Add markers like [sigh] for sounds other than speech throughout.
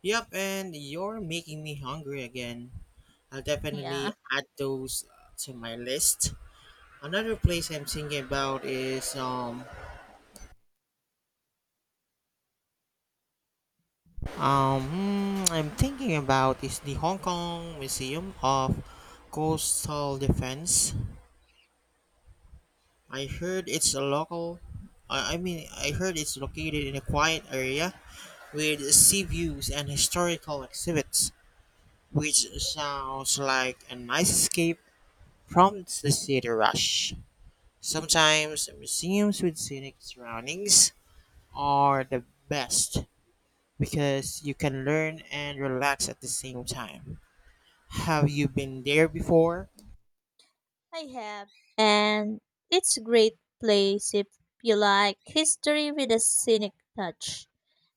Yep, and you're making me hungry again. I'll Yeah. definitely add those to my list. Another place I'm thinking about is um hmm, I'm thinking about is the Hong Kong Museum of Coastal Defense. I heard it's a local I mean I heard it's located in a quiet area with sea views and historical exhibits, which sounds like a nice escape from the city rush. Sometimes museums with scenic surroundings are the best because you can learn and relax at the same time. Have you been there before? I have. And it's a great place if you like history with a scenic touch.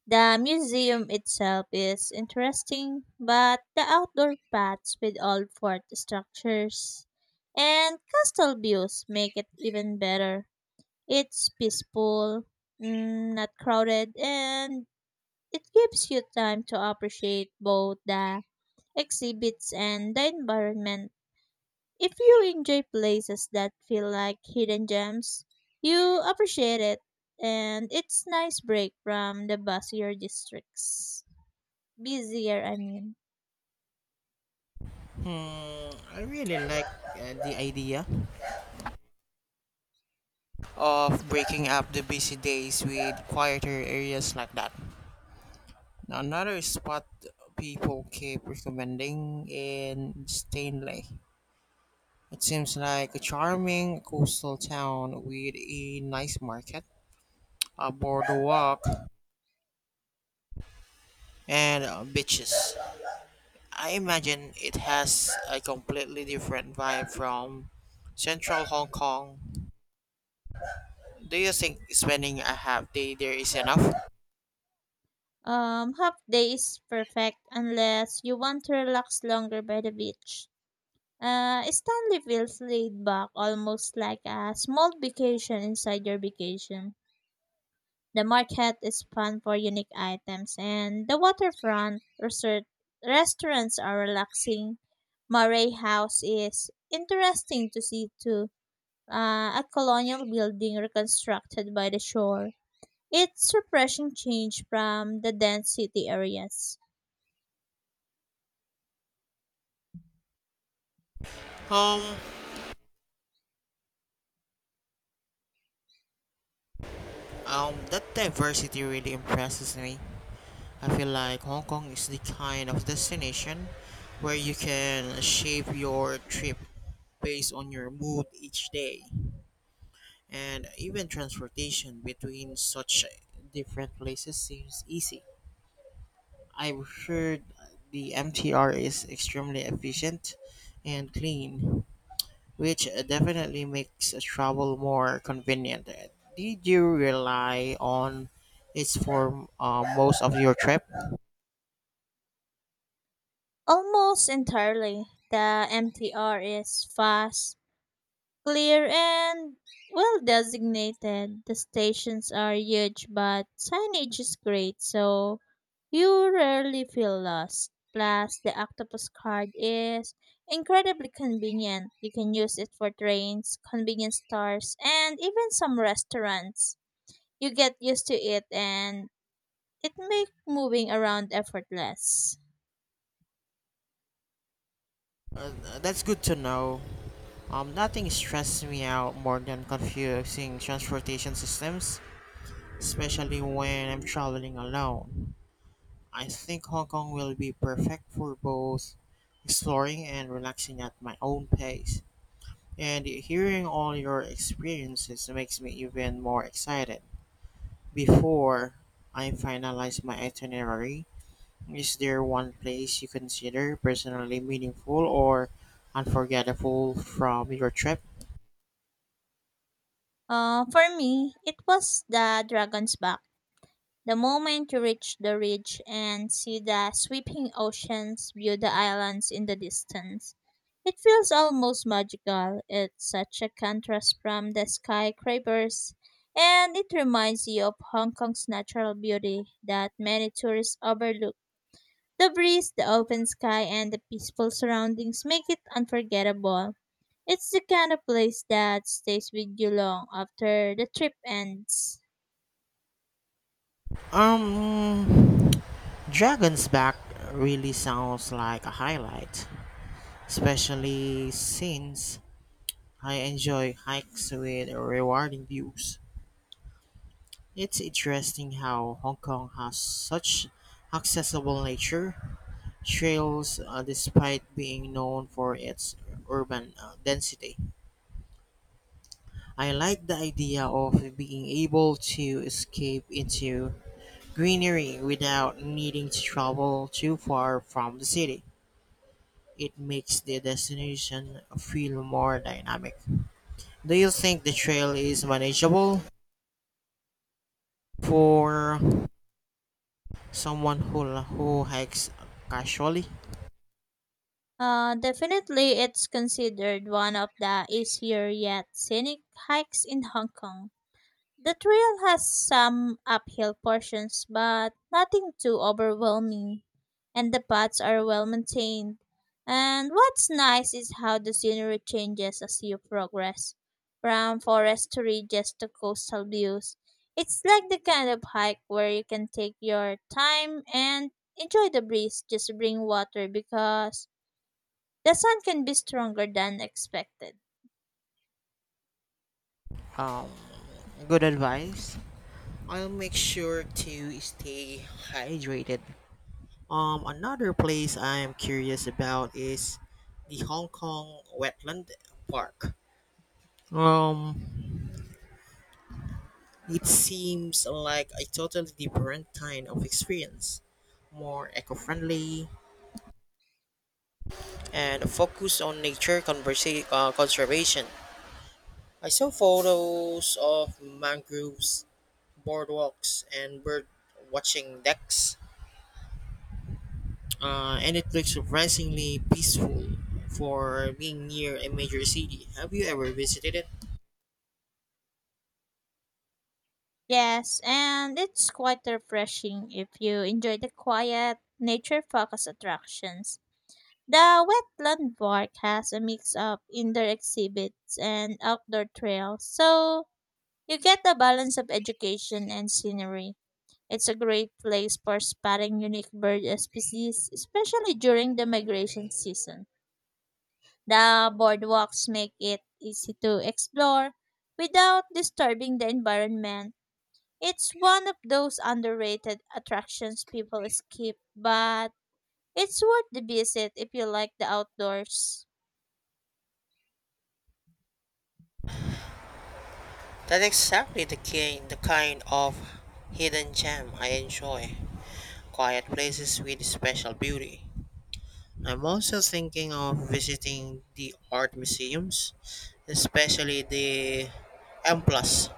The museum itself is interesting, but the outdoor paths with old fort structures and castle views make it even better. It's peaceful, not crowded, and it gives you time to appreciate both the exhibits and the environment. If you enjoy places that feel like hidden gems, you appreciate it and it's nice break from the busier districts. Busier, I mean. Hmm, I really like the idea of breaking up the busy days with quieter areas like that. Now, another spot people keep recommending in Stanley. It seems like a charming coastal town with a nice market a boardwalk, and beaches. I imagine it has a completely different vibe from central Hong Kong. Do you think spending a half day there is enough? Half day is perfect unless you want to relax longer by the beach. Stanley feels laid back, almost like a small vacation inside your vacation. The market is fun for unique items, and the waterfront resort restaurants are relaxing. Murray House is interesting to see too, a colonial building reconstructed by the shore. It's refreshing change from the dense city areas. Um, that diversity really impresses me. I feel like Hong Kong is the kind of destination where you can shape your trip based on your mood each day. And even transportation between such different places seems easy. I've heard the MTR is extremely efficient and clean, which definitely makes travel more convenient. Did you rely on its for most of your trip? Almost entirely, the MTR is fast, clear, and well designated. The stations are huge, but signage is great, so you rarely feel lost. Plus, the Octopus card is incredibly convenient. You can use it for trains, convenience stores, and even some restaurants. You get used to it and it makes moving around effortless. Uh, that's good to know. Nothing stresses me out more than confusing transportation systems, especially when I'm traveling alone. I think Hong Kong will be perfect for both exploring and relaxing at my own pace. And hearing all your experiences makes me even more excited. Before I finalize my itinerary, is there one place you consider personally meaningful or unforgettable from your trip? For me, it was the Dragon's Back. The moment you reach the ridge and see the sweeping oceans, view the islands in the distance. It feels almost magical. It's such a contrast from the skyscrapers, and it reminds you of Hong Kong's natural beauty that many tourists overlook. The breeze, the open sky, and the peaceful surroundings make it unforgettable. It's the kind of place that stays with you long after the trip ends. Um, Dragon's Back really sounds like a highlight, especially since I enjoy hikes with rewarding views. It's interesting how Hong Kong has such accessible nature trails despite being known for its urban density. I like the idea of being able to escape into greenery without needing to travel too far from the city. It makes the destination feel more dynamic. Do you think the trail is manageable for someone who, who hikes casually? Definitely, it's considered one of the easier yet scenic hikes in Hong Kong. The trail has some uphill portions, but nothing too overwhelming, and the paths are well maintained. And what's nice is how the scenery changes as you progress, from forest to ridges to coastal views. It's like the kind of hike where you can take your time and enjoy the breeze, just bring water because the sun can be stronger than expected. um, Good advice. I'll make sure to stay hydrated. Another place I'm curious about is the Hong Kong Wetland Park. Um, it seems like a totally different kind of experience, more eco-friendly and focused on conservation. I saw photos of mangroves, boardwalks, and bird watching decks and it looks surprisingly peaceful for being near a major city. Have you ever visited it? Yes, and it's quite refreshing if you enjoy the quiet, nature focused attractions. The wetland park has a mix of indoor exhibits and outdoor trails, so you get the balance of education and scenery. It's a great place for spotting unique bird species, especially during the migration season. The boardwalks make it easy to explore without disturbing the environment. It's one of those underrated attractions people skip, but it's worth the visit if you like the outdoors. That's exactly the kind of hidden gem I enjoy. Quiet places with special beauty. I'm also thinking of visiting the art museums, especially the M Plus.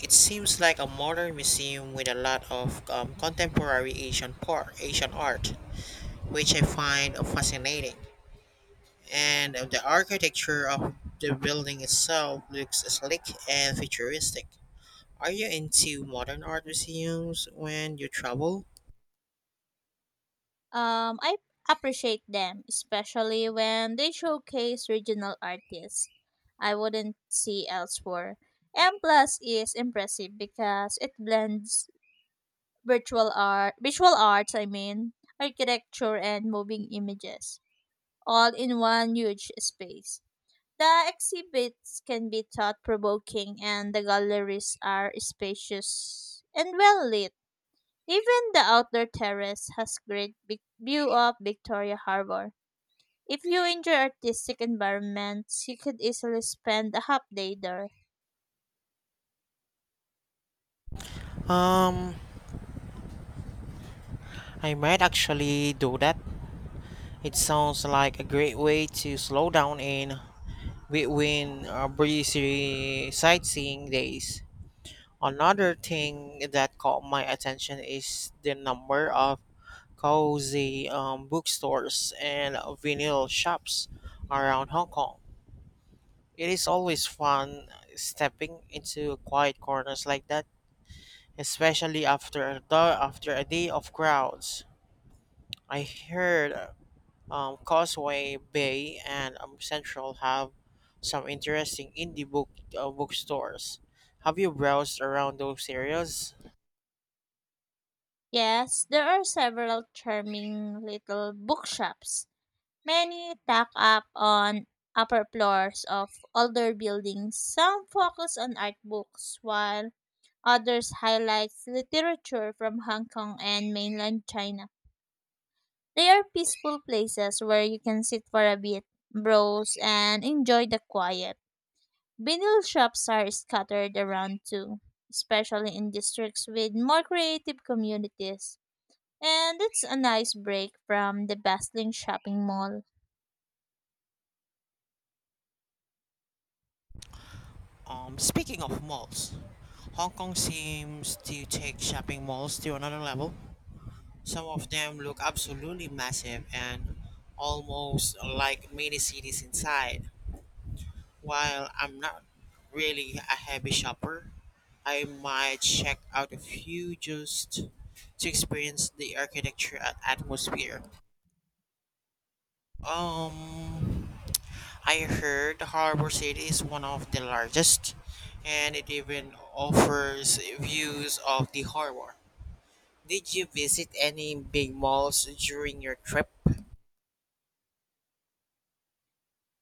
It seems like a modern museum with a lot of contemporary Asian art, which I find fascinating. And the architecture of the building itself looks sleek and futuristic. Are you into modern art museums when you travel? I appreciate them, especially when they showcase regional artists I wouldn't see elsewhere. M Plus is impressive because it blends virtual art, visual arts, I mean, architecture and moving images, all in one huge space. The exhibits can be thought provoking and the galleries are spacious and well lit. Even the outdoor terrace has great view of Victoria Harbor. If you enjoy artistic environments, you could easily spend a half day there. Um, I might actually do that. It sounds like a great way to slow down in between busy sightseeing days. Another thing that caught my attention is the number of cozy bookstores and vinyl shops around Hong Kong. It is always fun stepping into quiet corners like that, especially after a day of crowds. I heard Causeway Bay and Central have some interesting indie bookstores. Have you browsed around those areas? Yes, there are several charming little bookshops. Many tack up on upper floors of older buildings. Some focus on art books, while others highlight literature from Hong Kong and mainland China. They are peaceful places where you can sit for a bit, browse, and enjoy the quiet. Vinyl shops are scattered around too, especially in districts with more creative communities. And it's a nice break from the bustling shopping mall. Speaking of malls, Hong Kong seems to take shopping malls to another level. Some of them look absolutely massive and almost like mini cities inside. While I'm not really a heavy shopper, I might check out a few just to experience the architecture and atmosphere. Um, I heard Harbor City is one of the largest, and it even offers views of the harbor. Did you visit any big malls during your trip?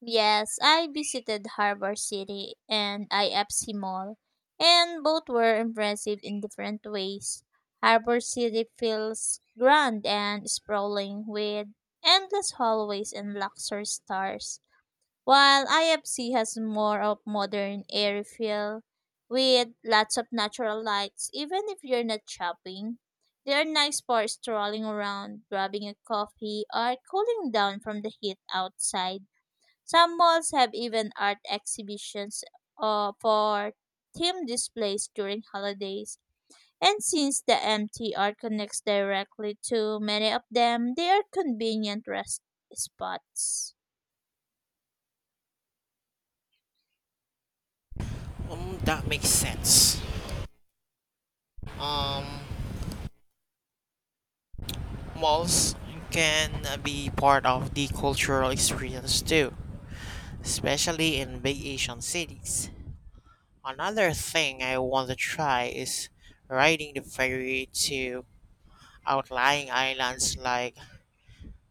Yes, I visited Harbor City and IFC Mall, and both were impressive in different ways. Harbor City feels grand and sprawling with endless hallways and luxurious stores, while IFC has more of modern airy feel with lots of natural lights even if you're not shopping. They are nice for strolling around, grabbing a coffee, or cooling down from the heat outside. Some malls have even art exhibitions for theme displays during holidays. And since the MTR connects directly to many of them, they are convenient rest spots. That makes sense. Um, malls can be part of the cultural experience too, especially in big Asian cities. Another thing I want to try is riding the ferry to outlying islands like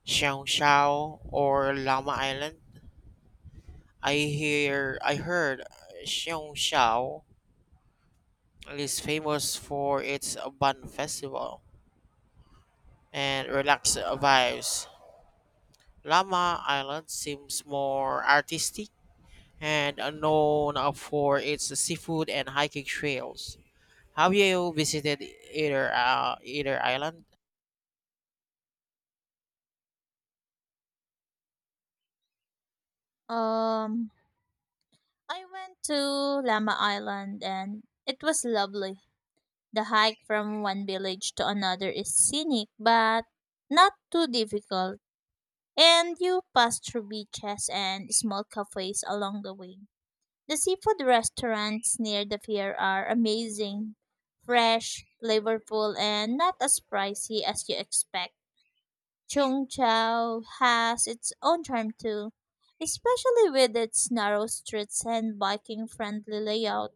Xiongshao or Lama Island. I heard Xiongshao is famous for its Ban Festival and relaxed vibes. Lama Island seems more artistic and known for its seafood and hiking trails. Have you visited either island? Um, I went to Lama Island and it was lovely. The hike from one village to another is scenic but not too difficult, and you pass through beaches and small cafes along the way. The seafood restaurants near the pier are amazing, fresh, flavorful, and not as pricey as you expect. Chung Chau has its own charm too, especially with its narrow streets and biking friendly layout.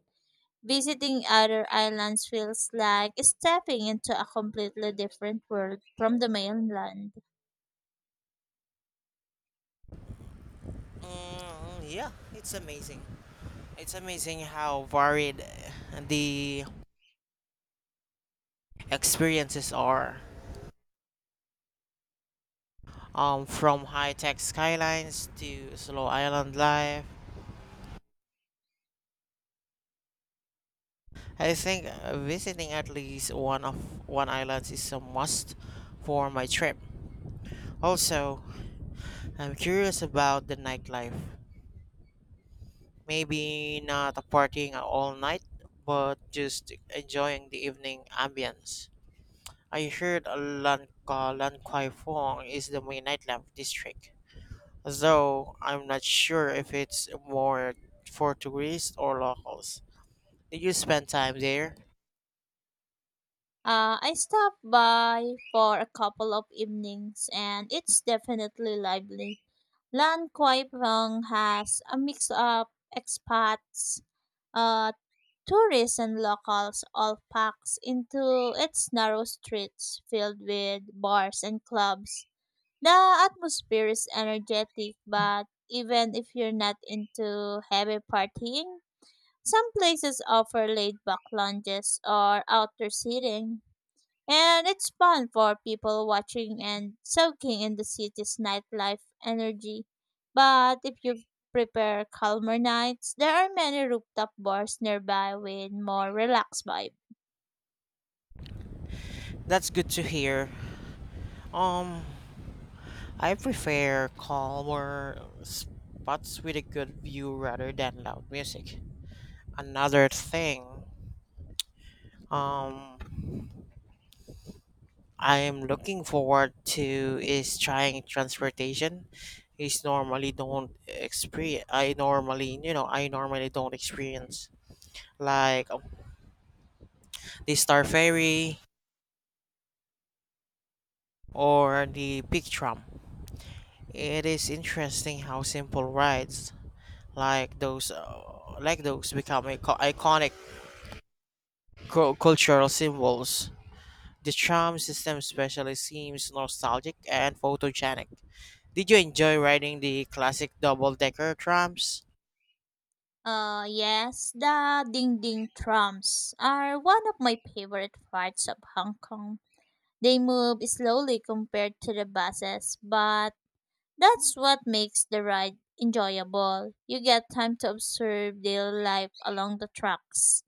Visiting other islands feels like stepping into a completely different world from the mainland. Mm, yeah, it's amazing. It's amazing how varied the experiences are. From high-tech skylines to slow island life. I think visiting at least one island is a must for my trip. Also, I'm curious about the nightlife. Maybe not a partying all night, but just enjoying the evening ambience. I heard Lan Kwai Fong is the main nightlife district, though I'm not sure if it's more for tourists or locals. Did you spend time there? I stopped by for a couple of evenings and it's definitely lively. Lan Kwai Pong has a mix of expats, uh, tourists, and locals all packed into its narrow streets filled with bars and clubs. The atmosphere is energetic, but even if you're not into heavy partying, some places offer laid back lounges or outdoor seating. And it's fun for people watching and soaking in the city's nightlife energy. But if you prepare calmer nights, there are many rooftop bars nearby with more relaxed vibe. That's good to hear. Um, I prefer calmer spots with a good view rather than loud music. Another thing um I'm looking forward to is trying transportation. Is normally don't experience. I normally I normally don't experience like the Star Ferry or the Big Tram. It is interesting how simple rides like those become iconic cultural symbols. The tram system especially seems nostalgic and photogenic. Did you enjoy riding the classic double decker trams? Yes, the ding ding trams are one of my favorite parts of Hong Kong. They move slowly compared to the buses, but that's what makes the ride enjoyable. You get time to observe daily life along the tracks.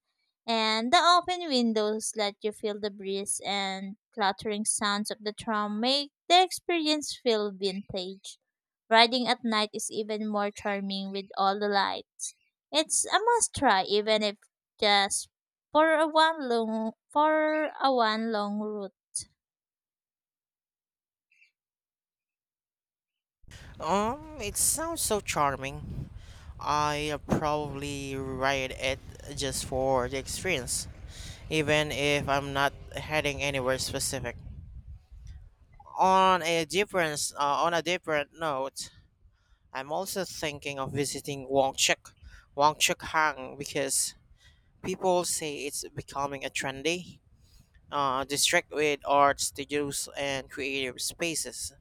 And the open windows let you feel the breeze and clattering sounds of the tram make the experience feel vintage. Riding at night is even more charming with all the lights. It's a must try even if just for a one long route. It sounds so charming. I probably ride it just for the experience, even if I'm not heading anywhere specific. On a different note, I'm also thinking of visiting Wangchuk Hang, because people say it's becoming a trendy district with art studios and creative spaces.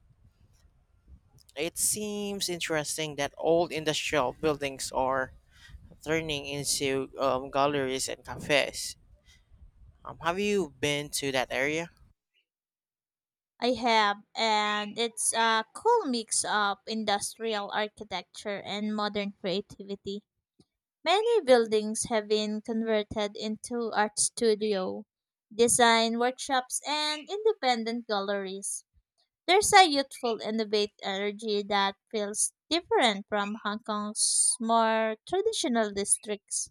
It seems interesting that old industrial buildings are turning into galleries and cafes. Have you been to that area? I have, and it's a cool mix of industrial architecture and modern creativity. Many buildings have been converted into art studio, design workshops, and independent galleries. There's a youthful, innovative energy that feels different from Hong Kong's more traditional districts.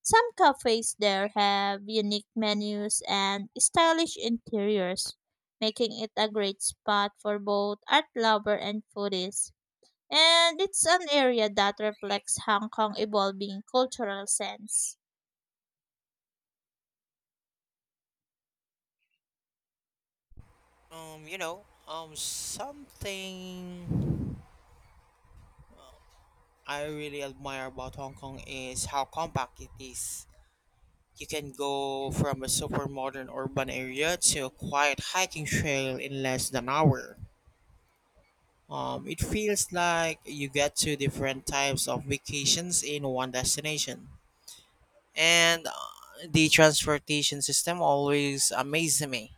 Some cafes there have unique menus and stylish interiors, making it a great spot for both art lover and foodies. And it's an area that reflects Hong Kong's evolving cultural sense. Um, you know, something I really admire about Hong Kong is how compact it is. You can go from a super modern urban area to a quiet hiking trail in less than an hour. It feels like you get two different types of vacations in one destination. And the transportation system always amazes me.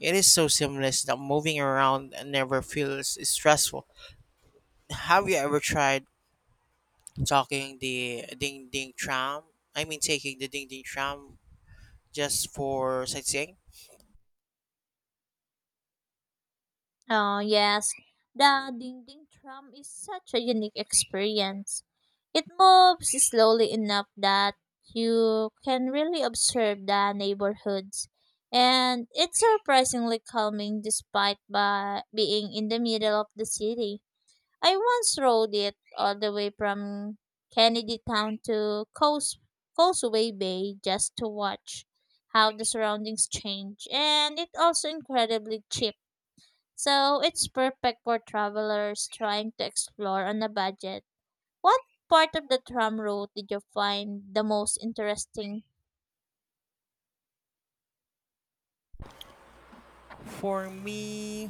It is so seamless that moving around never feels stressful. Have you ever tried talking the ding ding tram? I mean, taking the ding ding tram just for sightseeing? Oh, yes. The dingding tram is such a unique experience. It moves slowly enough that you can really observe the neighborhoods. And it's surprisingly calming despite by being in the middle of the city. I once rode it all the way from Kennedy Town to Causeway Bay just to watch how the surroundings change. And it's also incredibly cheap so it's perfect for travelers trying to explore on a budget. What part of the tram route did you find the most interesting? For me,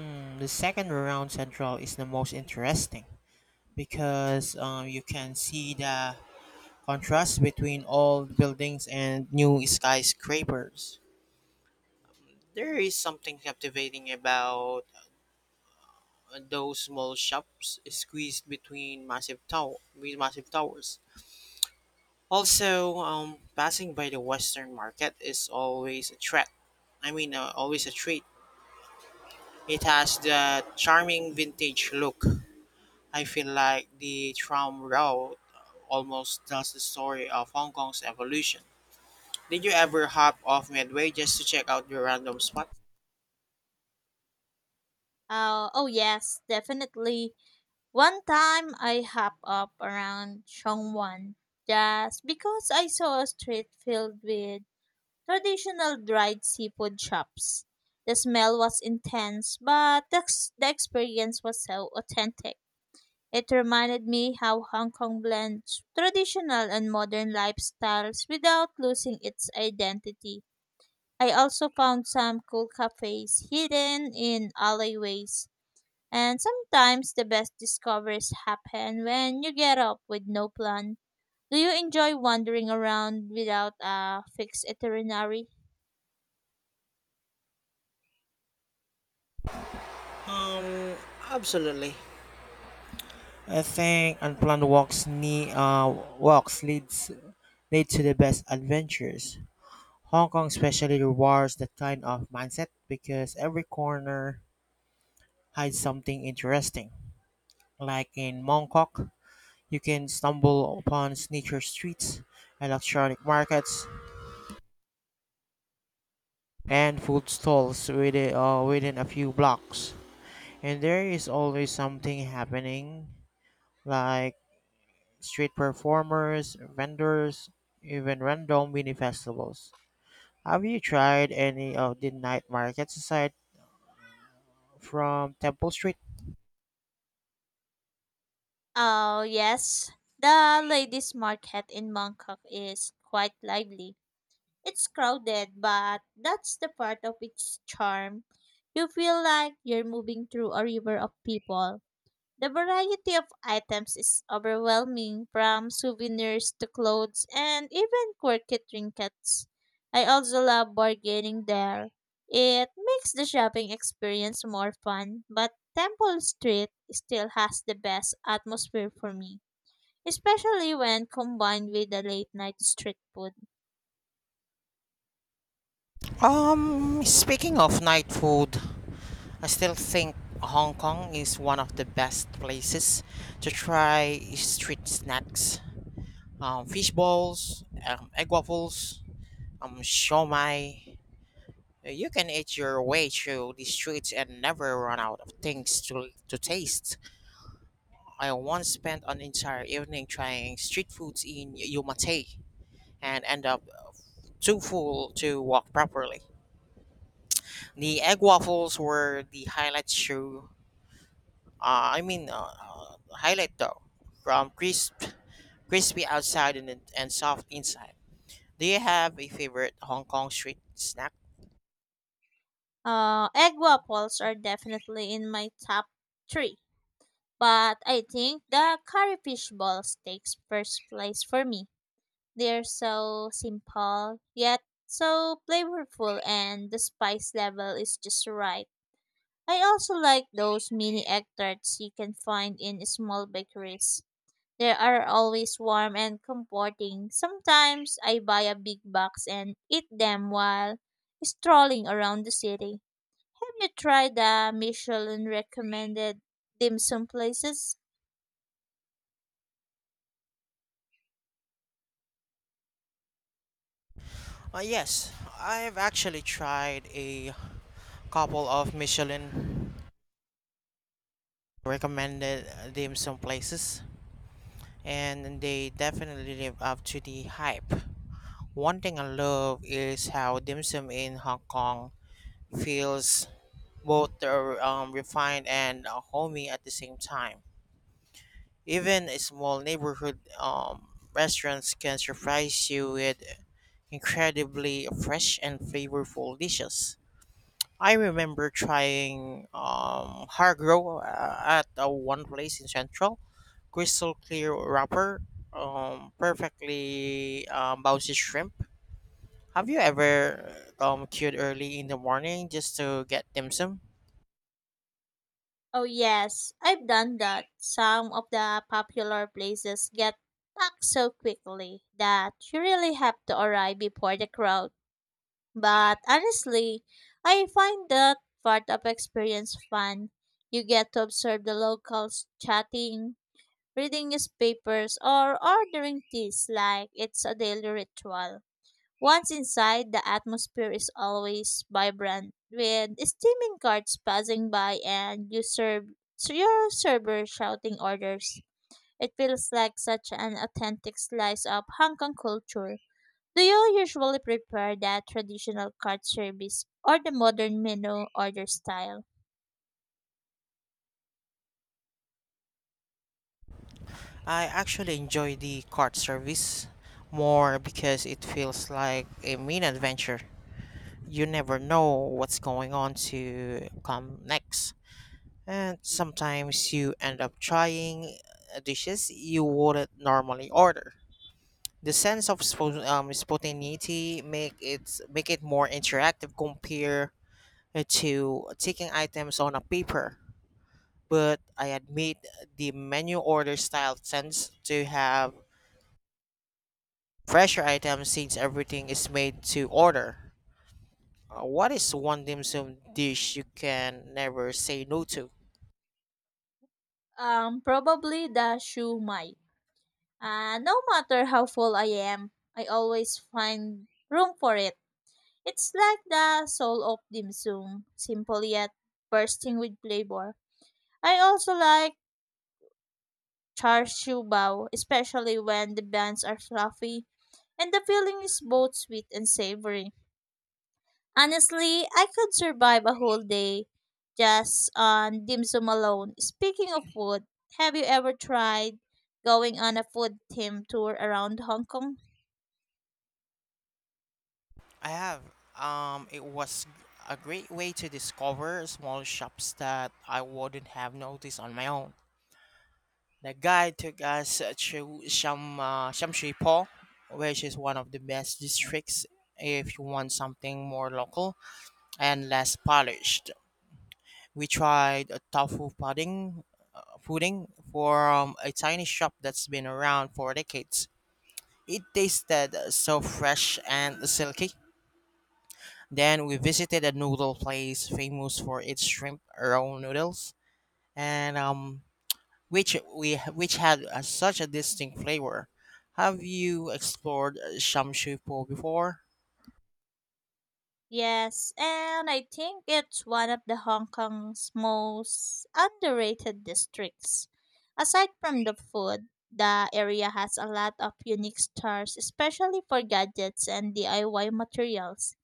the second round central is the most interesting because you can see the contrast between old buildings and new skyscrapers. There is something captivating about those small shops squeezed with massive towers. Also, passing by the Western Market is always a treat. I mean, always a treat. It has the charming vintage look. I feel like the tram route almost tells the story of Hong Kong's evolution. Did you ever hop off Midway just to check out your random spot? Oh yes, definitely. One time I hop up around Chongwan just because I saw a street filled with traditional dried seafood shops. The smell was intense, but the experience was so authentic. It reminded me how Hong Kong blends traditional and modern lifestyles without losing its identity. I also found some cool cafes hidden in alleyways, and sometimes the best discoveries happen when you get up with no plan. Do you enjoy wandering around without a fixed itinerary? Um, absolutely. I think unplanned walks leads lead to the best adventures. Hong Kong especially rewards that kind of mindset because every corner hides something interesting. Like in Mongkok, you can stumble upon sneaker streets, electronic markets, and food stalls within a few blocks. And there is always something happening, like street performers, vendors, even random mini festivals. Have you tried any of the night markets aside from Temple Street? Oh, yes. The ladies' market in Bangkok is quite lively. It's crowded, but that's the part of its charm. You feel like you're moving through a river of people. The variety of items is overwhelming, from souvenirs to clothes and even quirky trinkets. I also love bargaining there. It makes the shopping experience more fun, but Temple Street still has the best atmosphere for me, especially when combined with the late night street food. Speaking of night food, I still think Hong Kong is one of the best places to try street snacks. Fish balls, egg waffles, shawmai. You can eat your way through the streets and never run out of to taste. I once spent an entire evening trying street foods in Yomate and end up too full to walk properly. The egg waffles were the highlight show. I mean, highlight though, from crispy outside and soft inside. Do you have a favorite Hong Kong street snack? Egg waffles are definitely in my top three, but I think the curry fish balls takes first place for me. They're so simple yet so flavorful, and the spice level is just right. I also like those mini egg tarts you can find in small bakeries. They are always warm and comforting. Sometimes I buy a big box and eat them while strolling around the city. Have you tried the Michelin recommended dim sum places? Yes, I've actually tried a couple of Michelin recommended dim sum places, and they definitely live up to the hype. One thing I love is how dim sum in Hong Kong feels both are refined and homey at the same time. Even a small neighborhood restaurants can surprise you with incredibly fresh and flavorful dishes. I remember trying hargro at one place in Central, crystal clear wrapper, perfectly bouncy shrimp. Have you ever queued early in the morning just to get dim sum? Oh yes, I've done that. Some of the popular places get packed so quickly that you really have to arrive before the crowd. But honestly, I find that part of experience fun. You get to observe the locals chatting, reading newspapers, or ordering teas like it's a daily ritual. Once inside, the atmosphere is always vibrant, with steaming carts passing by and your server shouting orders. It feels like such an authentic slice of Hong Kong culture. Do you usually prefer that traditional cart service or the modern menu order style? I actually enjoy the cart service more because it feels like a mini adventure. You never know what's going on to come next. And sometimes you end up trying dishes you wouldn't normally order. The sense of spontaneity make it more interactive compared to taking items on a paper. But I admit the menu order style tends to have fresher items since everything is made to order. What is one dim sum dish you can never say no to? Probably the shoe mai. No matter how full I am, I always find room for it. It's like the soul of dim sum, simple yet bursting with flavor. I also like char siu bao, especially when the buns are fluffy and the filling is both sweet and savory. Honestly, I could survive a whole day just on dim sum alone. Speaking of food, have you ever tried going on a food theme tour around Hong Kong? I have. It was a great way to discover small shops that I wouldn't have noticed on my own. The guide took us to Shamshui Po, which is one of the best districts if you want something more local and less polished. We tried a tofu pudding from a tiny shop that's been around for decades. It tasted so fresh and silky. Then we visited a noodle place famous for its shrimp roll noodles, and which had such a distinct flavor. Have you explored Shamshu Po before? Yes, and I think it's one of the Hong Kong's most underrated districts. Aside from the food, the area has a lot of unique stores, especially for gadgets and DIY materials.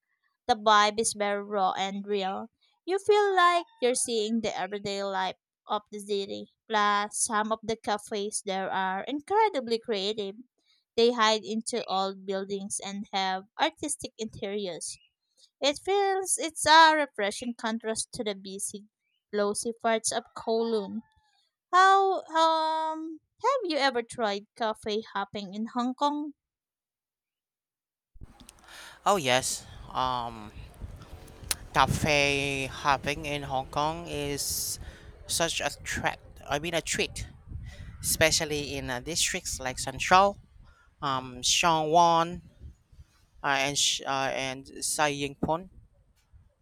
The vibe is very raw and real. You feel like you're seeing the everyday life of the city. Plus, some of the cafes there are incredibly creative. They hide into old buildings and have artistic interiors it feels it's a refreshing contrast to the busy, lousy parts of Kowloon. How have you ever tried cafe hopping in Hong Kong? Oh yes. Cafe hopping in Hong Kong is such a treat, especially in districts like Central, Shang Wan, and Sai Ying Pon.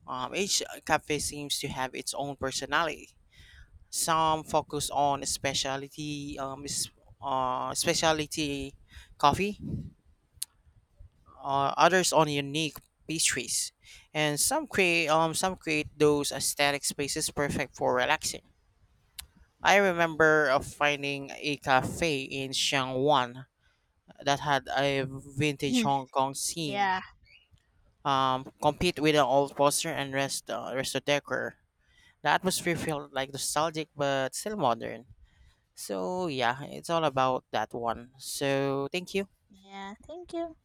Each cafe seems to have its own personality. Some focus on specialty coffee, others on unique pastries, and some create those aesthetic spaces perfect for relaxing. I remember of finding a cafe in Xiangwan that had a vintage [clears throat] Hong Kong theme, yeah, complete with an old poster and resto decor. The atmosphere felt like nostalgic but still modern. So yeah, it's all about that one. So thank you. yeah. Thank you.